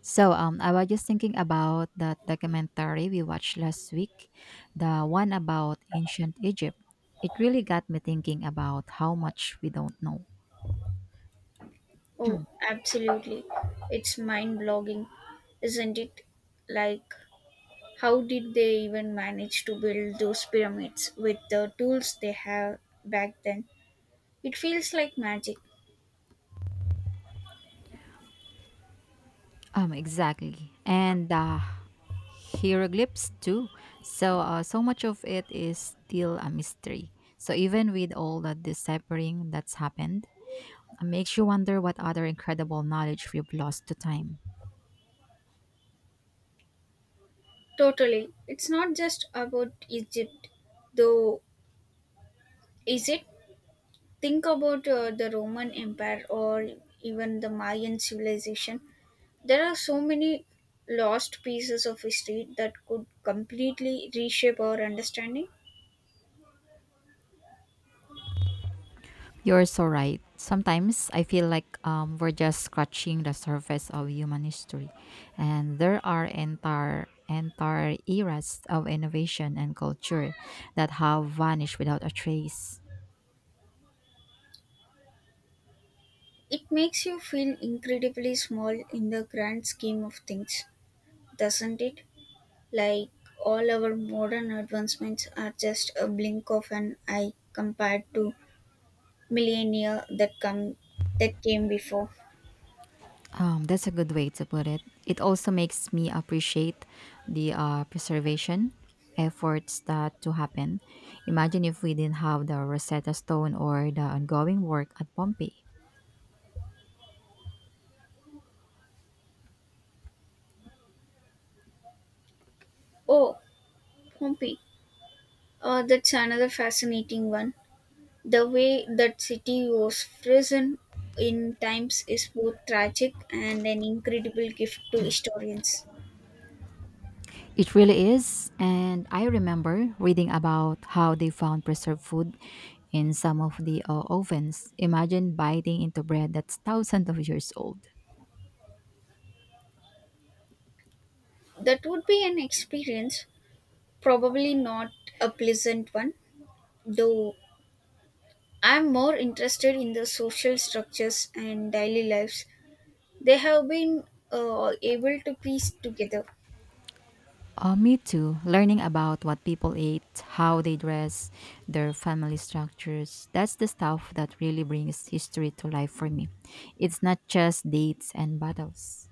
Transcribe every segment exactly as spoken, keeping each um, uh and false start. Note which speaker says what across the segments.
Speaker 1: So um, I was just thinking about that documentary we watched last week, the one about ancient Egypt. It really got me thinking about how much we don't know.
Speaker 2: Oh, absolutely. It's mind blogging, isn't it? Like, how did they even manage to build those pyramids with the tools they have back then? It feels like magic.
Speaker 1: Um, exactly, and uh, hieroglyphs too. So uh, so much of it is still a mystery. So even with all the deciphering that's happened, it makes you wonder what other incredible knowledge we've lost to time.
Speaker 2: Totally. It's not just about Egypt, though, is it? Think about uh, the Roman Empire or even the Mayan civilization. There are so many lost pieces of history that could completely reshape our understanding.
Speaker 1: You're so right. Sometimes I feel like um, we're just scratching the surface of human history, and there are entire entire eras of innovation and culture that have vanished without a trace.
Speaker 2: It makes you feel incredibly small in the grand scheme of things, doesn't it? Like all our modern advancements are just a blink of an eye compared to millennia that come that came before.
Speaker 1: Um, that's a good way to put it. It also makes me appreciate the uh, preservation efforts that to happen. Imagine if we didn't have the Rosetta Stone or the ongoing work at Pompeii.
Speaker 2: Oh, Pompeii. Uh, that's another fascinating one. The way that city was frozen in times is both tragic and an incredible gift to historians.
Speaker 1: It really is. And I remember reading about how they found preserved food in some of the uh, ovens. Imagine biting into bread that's thousands of years old.
Speaker 2: That would be an experience. Probably not a pleasant one, though I'm more interested in the social structures and daily lives they have been uh, able to piece together.
Speaker 1: Uh, me too. Learning about what people ate, how they dress, their family structures. That's the stuff that really brings history to life for me. It's not just dates and battles.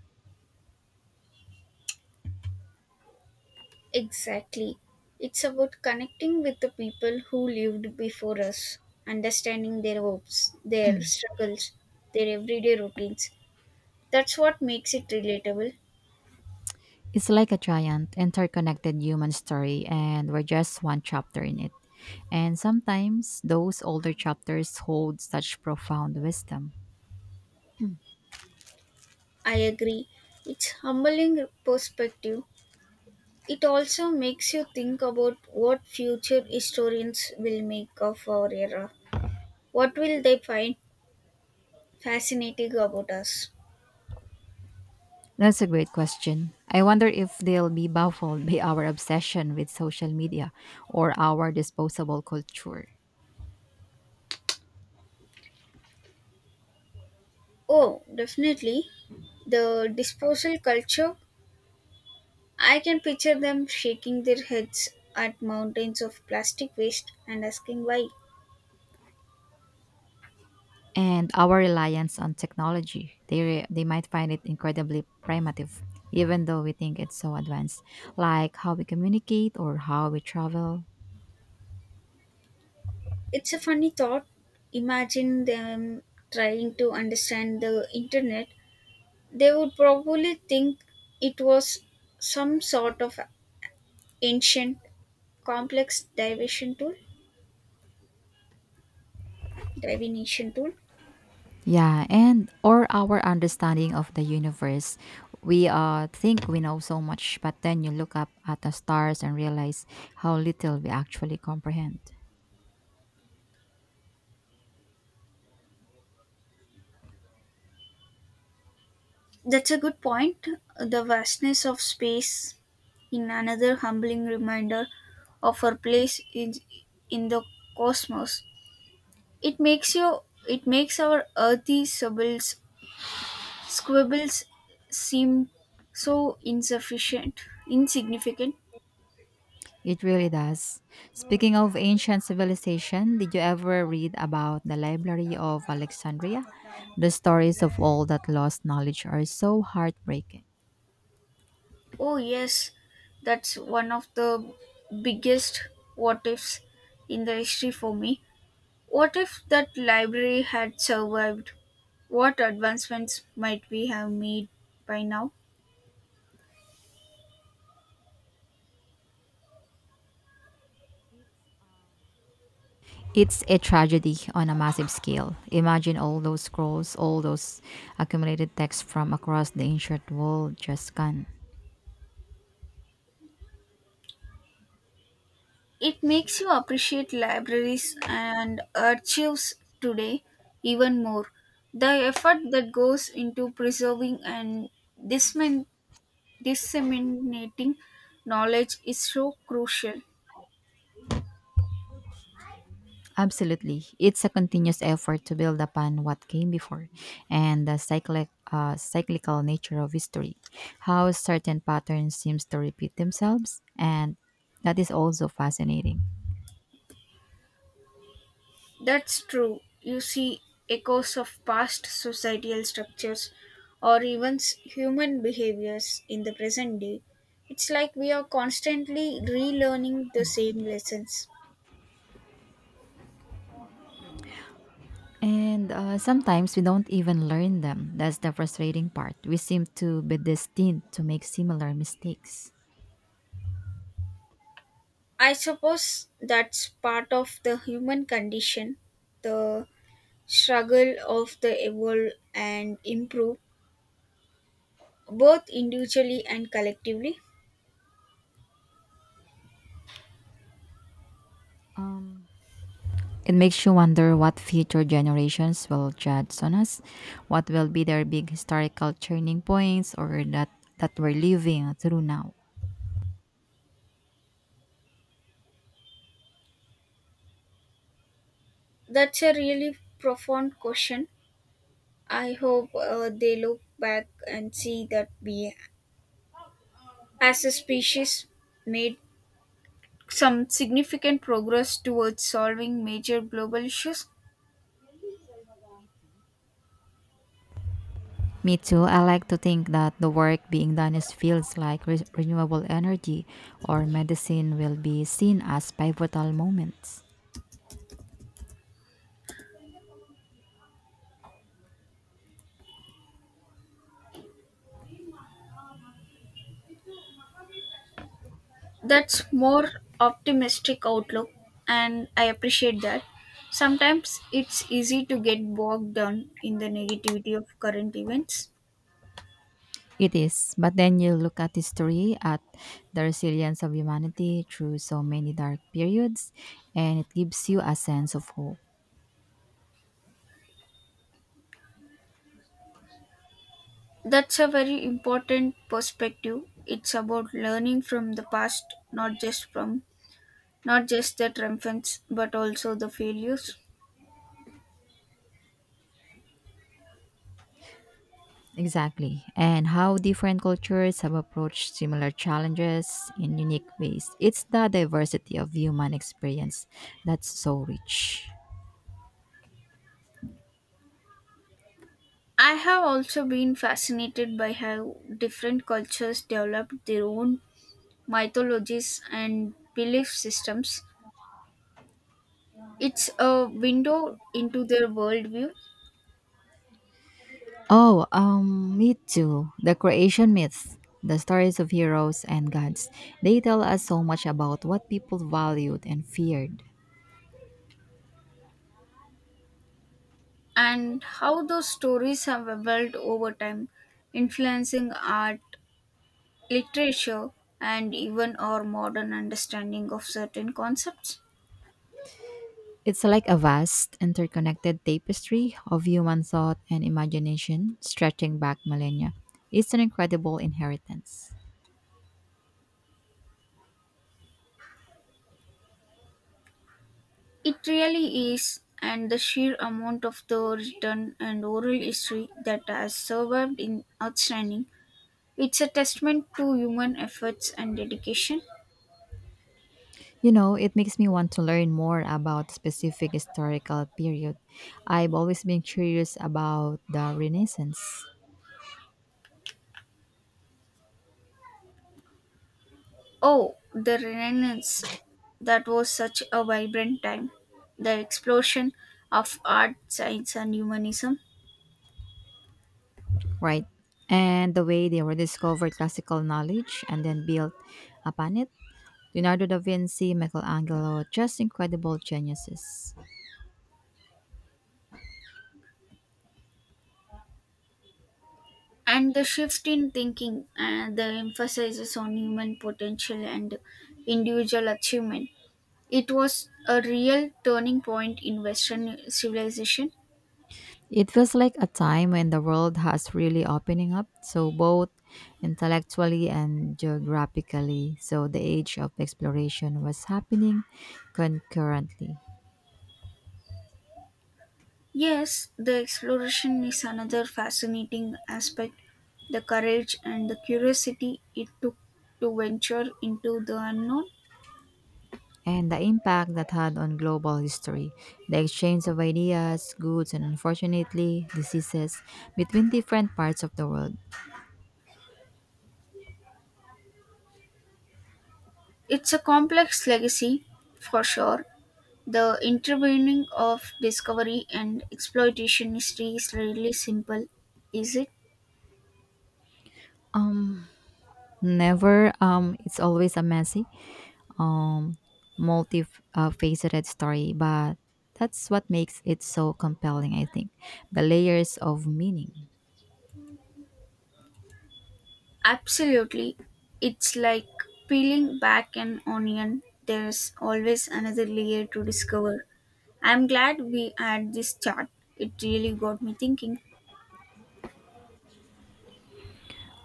Speaker 2: Exactly. It's about connecting with the people who lived before us, understanding their hopes, their struggles, their everyday routines. That's what makes it relatable.
Speaker 1: It's like a giant, interconnected human story, and we're just one chapter in it. And sometimes those older chapters hold such profound wisdom.
Speaker 2: I agree. It's humbling perspective. It also makes you think about what future historians will make of our era. What will they find fascinating about us?
Speaker 1: That's a great question. I wonder if they'll be baffled by our obsession with social media or our disposable culture
Speaker 2: Oh, definitely. The disposal culture. I can picture them shaking their heads at mountains of plastic waste and asking why.
Speaker 1: and our reliance on technology. They, re- they might find it incredibly primitive, even though we think it's so advanced, like how we communicate or how we travel.
Speaker 2: It's a funny thought. Imagine them trying to understand the internet. They would probably think it was some sort of ancient complex division tool divination tool.
Speaker 1: Yeah, and or our understanding of the universe. We uh think we know so much, but then you look up at the stars and realize how little we actually comprehend.
Speaker 2: That's a good point. The vastness of space in another humbling reminder of our place in, in the cosmos. It makes you it makes our earthy squibbles squibbles seem so insufficient insignificant.
Speaker 1: It really does. Speaking of ancient civilization, did you ever read about the Library of Alexandria? The stories of all that lost knowledge are so heartbreaking.
Speaker 2: Oh yes, that's one of the biggest what ifs in the history for me. What if that library had survived? What advancements might we have made by now?
Speaker 1: It's a tragedy on a massive scale. Imagine all those scrolls, all those accumulated texts from across the ancient world just gone.
Speaker 2: It makes you appreciate libraries and archives today even more. The effort that goes into preserving and dismin- disseminating knowledge is so crucial.
Speaker 1: Absolutely. It's a continuous effort to build upon what came before and the cyclic, uh, cyclical nature of history, how certain patterns seems to repeat themselves and that is also fascinating.
Speaker 2: That's true. You see echoes of past societal structures or even s- human behaviors in the present day. It's like we are constantly relearning the same lessons.
Speaker 1: And uh, sometimes we don't even learn them. That's the frustrating part. We seem to be destined to make similar mistakes.
Speaker 2: I suppose that's part of the human condition, the struggle of the evolve and improve, both individually and collectively.
Speaker 1: It makes you wonder what future generations will judge on us, what will be their big historical turning points or that that we're living through now.
Speaker 2: That's a really profound question. I hope uh, they look back and see that we as a species made some significant progress towards solving major global issues.
Speaker 1: Me too, I like to think that the work being done in fields like re- renewable energy or medicine will be seen as pivotal moments.
Speaker 2: That's more optimistic outlook, and I appreciate that. Sometimes it's easy to get bogged down in the negativity of current events.
Speaker 1: It is, but then you look at history, at the resilience of humanity through so many dark periods, and it gives you a sense of hope.
Speaker 2: That's a very important perspective. It's about learning from the past, not just from not just the triumphants but also the failures.
Speaker 1: Exactly. And how different cultures have approached similar challenges in unique ways. It's the diversity of human experience that's so rich.
Speaker 2: I have also been fascinated by how different cultures developed their own mythologies and belief systems. It's a window into their worldview,
Speaker 1: Oh, um, me too. The creation myths, the stories of heroes and gods, they tell us so much about what people valued and feared.
Speaker 2: and how those stories have evolved over time, influencing art, literature, and even our modern understanding of certain concepts.
Speaker 1: It's like a vast, interconnected tapestry of human thought and imagination stretching back millennia. It's an incredible inheritance.
Speaker 2: It really is, and the sheer amount of the written and oral history that has survived in outstanding. It's a testament to human efforts and dedication.
Speaker 1: You know, it makes me want to learn more about specific historical period. I've always been curious about the Renaissance,
Speaker 2: Oh, the Renaissance. That was such a vibrant time. The explosion of art, science, and humanism,
Speaker 1: right? And the way they rediscovered classical knowledge and then built upon it. Leonardo da Vinci, Michelangelo, just incredible geniuses.
Speaker 2: and the shift in thinking, and the emphasis on human potential and individual achievement. It was a real turning point in Western civilization.
Speaker 1: It feels like a time when the world has really opening up, so both intellectually and geographically. So the age of exploration was happening concurrently.
Speaker 2: Yes, the exploration is another fascinating aspect. The courage and the curiosity it took to venture into the unknown.
Speaker 1: And the impact that had on global history. The exchange of ideas, goods, and unfortunately, diseases between different parts of the world.
Speaker 2: It's a complex legacy, for sure. The intervening of discovery and exploitation history is really simple, is it?
Speaker 1: Um, never. Um, it's always a messy, um, multi-faceted story, but that's what makes it so compelling. I think the layers of meaning.
Speaker 2: Absolutely. It's like peeling back an onion. There's always another layer to discover. I'm glad we had this chat. It really got me thinking.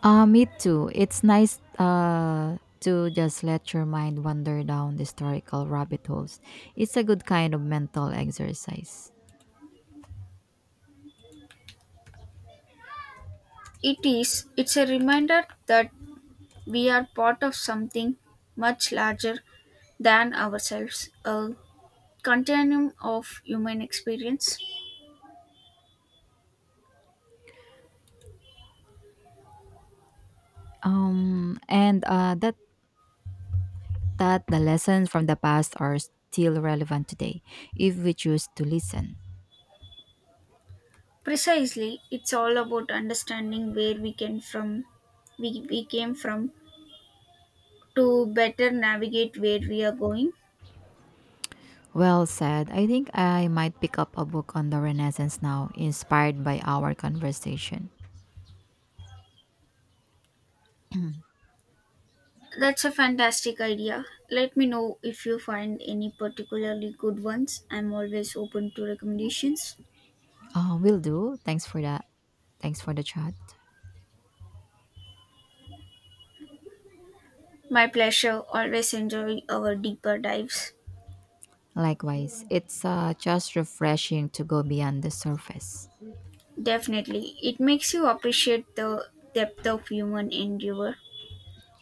Speaker 1: Uh, me too. It's nice uh, to just let your mind wander down the historical rabbit holes. It's a good kind of mental exercise.
Speaker 2: It is. It's a reminder that we are part of something much larger than ourselves, a continuum of human experience.
Speaker 1: Um, and uh, that that the lessons from the past are still relevant today if we choose to listen.
Speaker 2: Precisely, it's all about understanding where we can from we, we came from to better navigate where we are going.
Speaker 1: Well said. I think I might pick up a book on the Renaissance now, inspired by our conversation.
Speaker 2: That's a fantastic idea. Let me know if you find any particularly good ones. I'm always open to recommendations.
Speaker 1: Uh, will do. Thanks for that. Thanks for the chat.
Speaker 2: My pleasure. Always enjoy our deeper dives.
Speaker 1: Likewise, it's uh, just refreshing to go beyond the surface
Speaker 2: Definitely. It makes you appreciate the depth of human endeavor.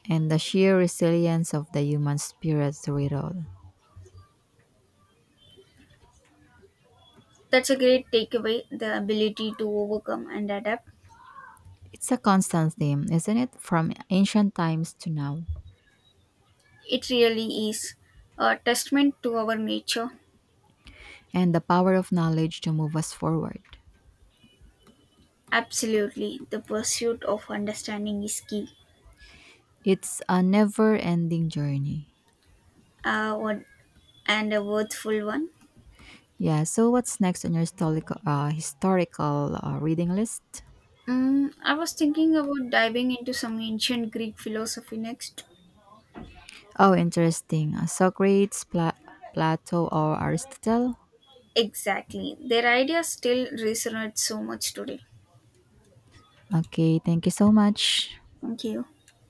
Speaker 1: and the sheer resilience of the human spirit through it all.
Speaker 2: That's a great takeaway, the ability to overcome and adapt.
Speaker 1: It's a constant theme, isn't it? From ancient times to now.
Speaker 2: It really is a testament to our nature.
Speaker 1: And the power of knowledge to move us forward.
Speaker 2: Absolutely. The pursuit of understanding is key.
Speaker 1: It's a never-ending journey.
Speaker 2: uh, what, and a worthful one.
Speaker 1: Yeah, so what's next on your historical uh, historical uh, reading list?
Speaker 2: Mm, I was thinking about diving into some ancient Greek philosophy next.
Speaker 1: Oh, interesting. Uh, Socrates, Pla- Plato, or Aristotle?
Speaker 2: Exactly. Their ideas still resonate so much today.
Speaker 1: Okay, thank you so much.
Speaker 2: Thank you.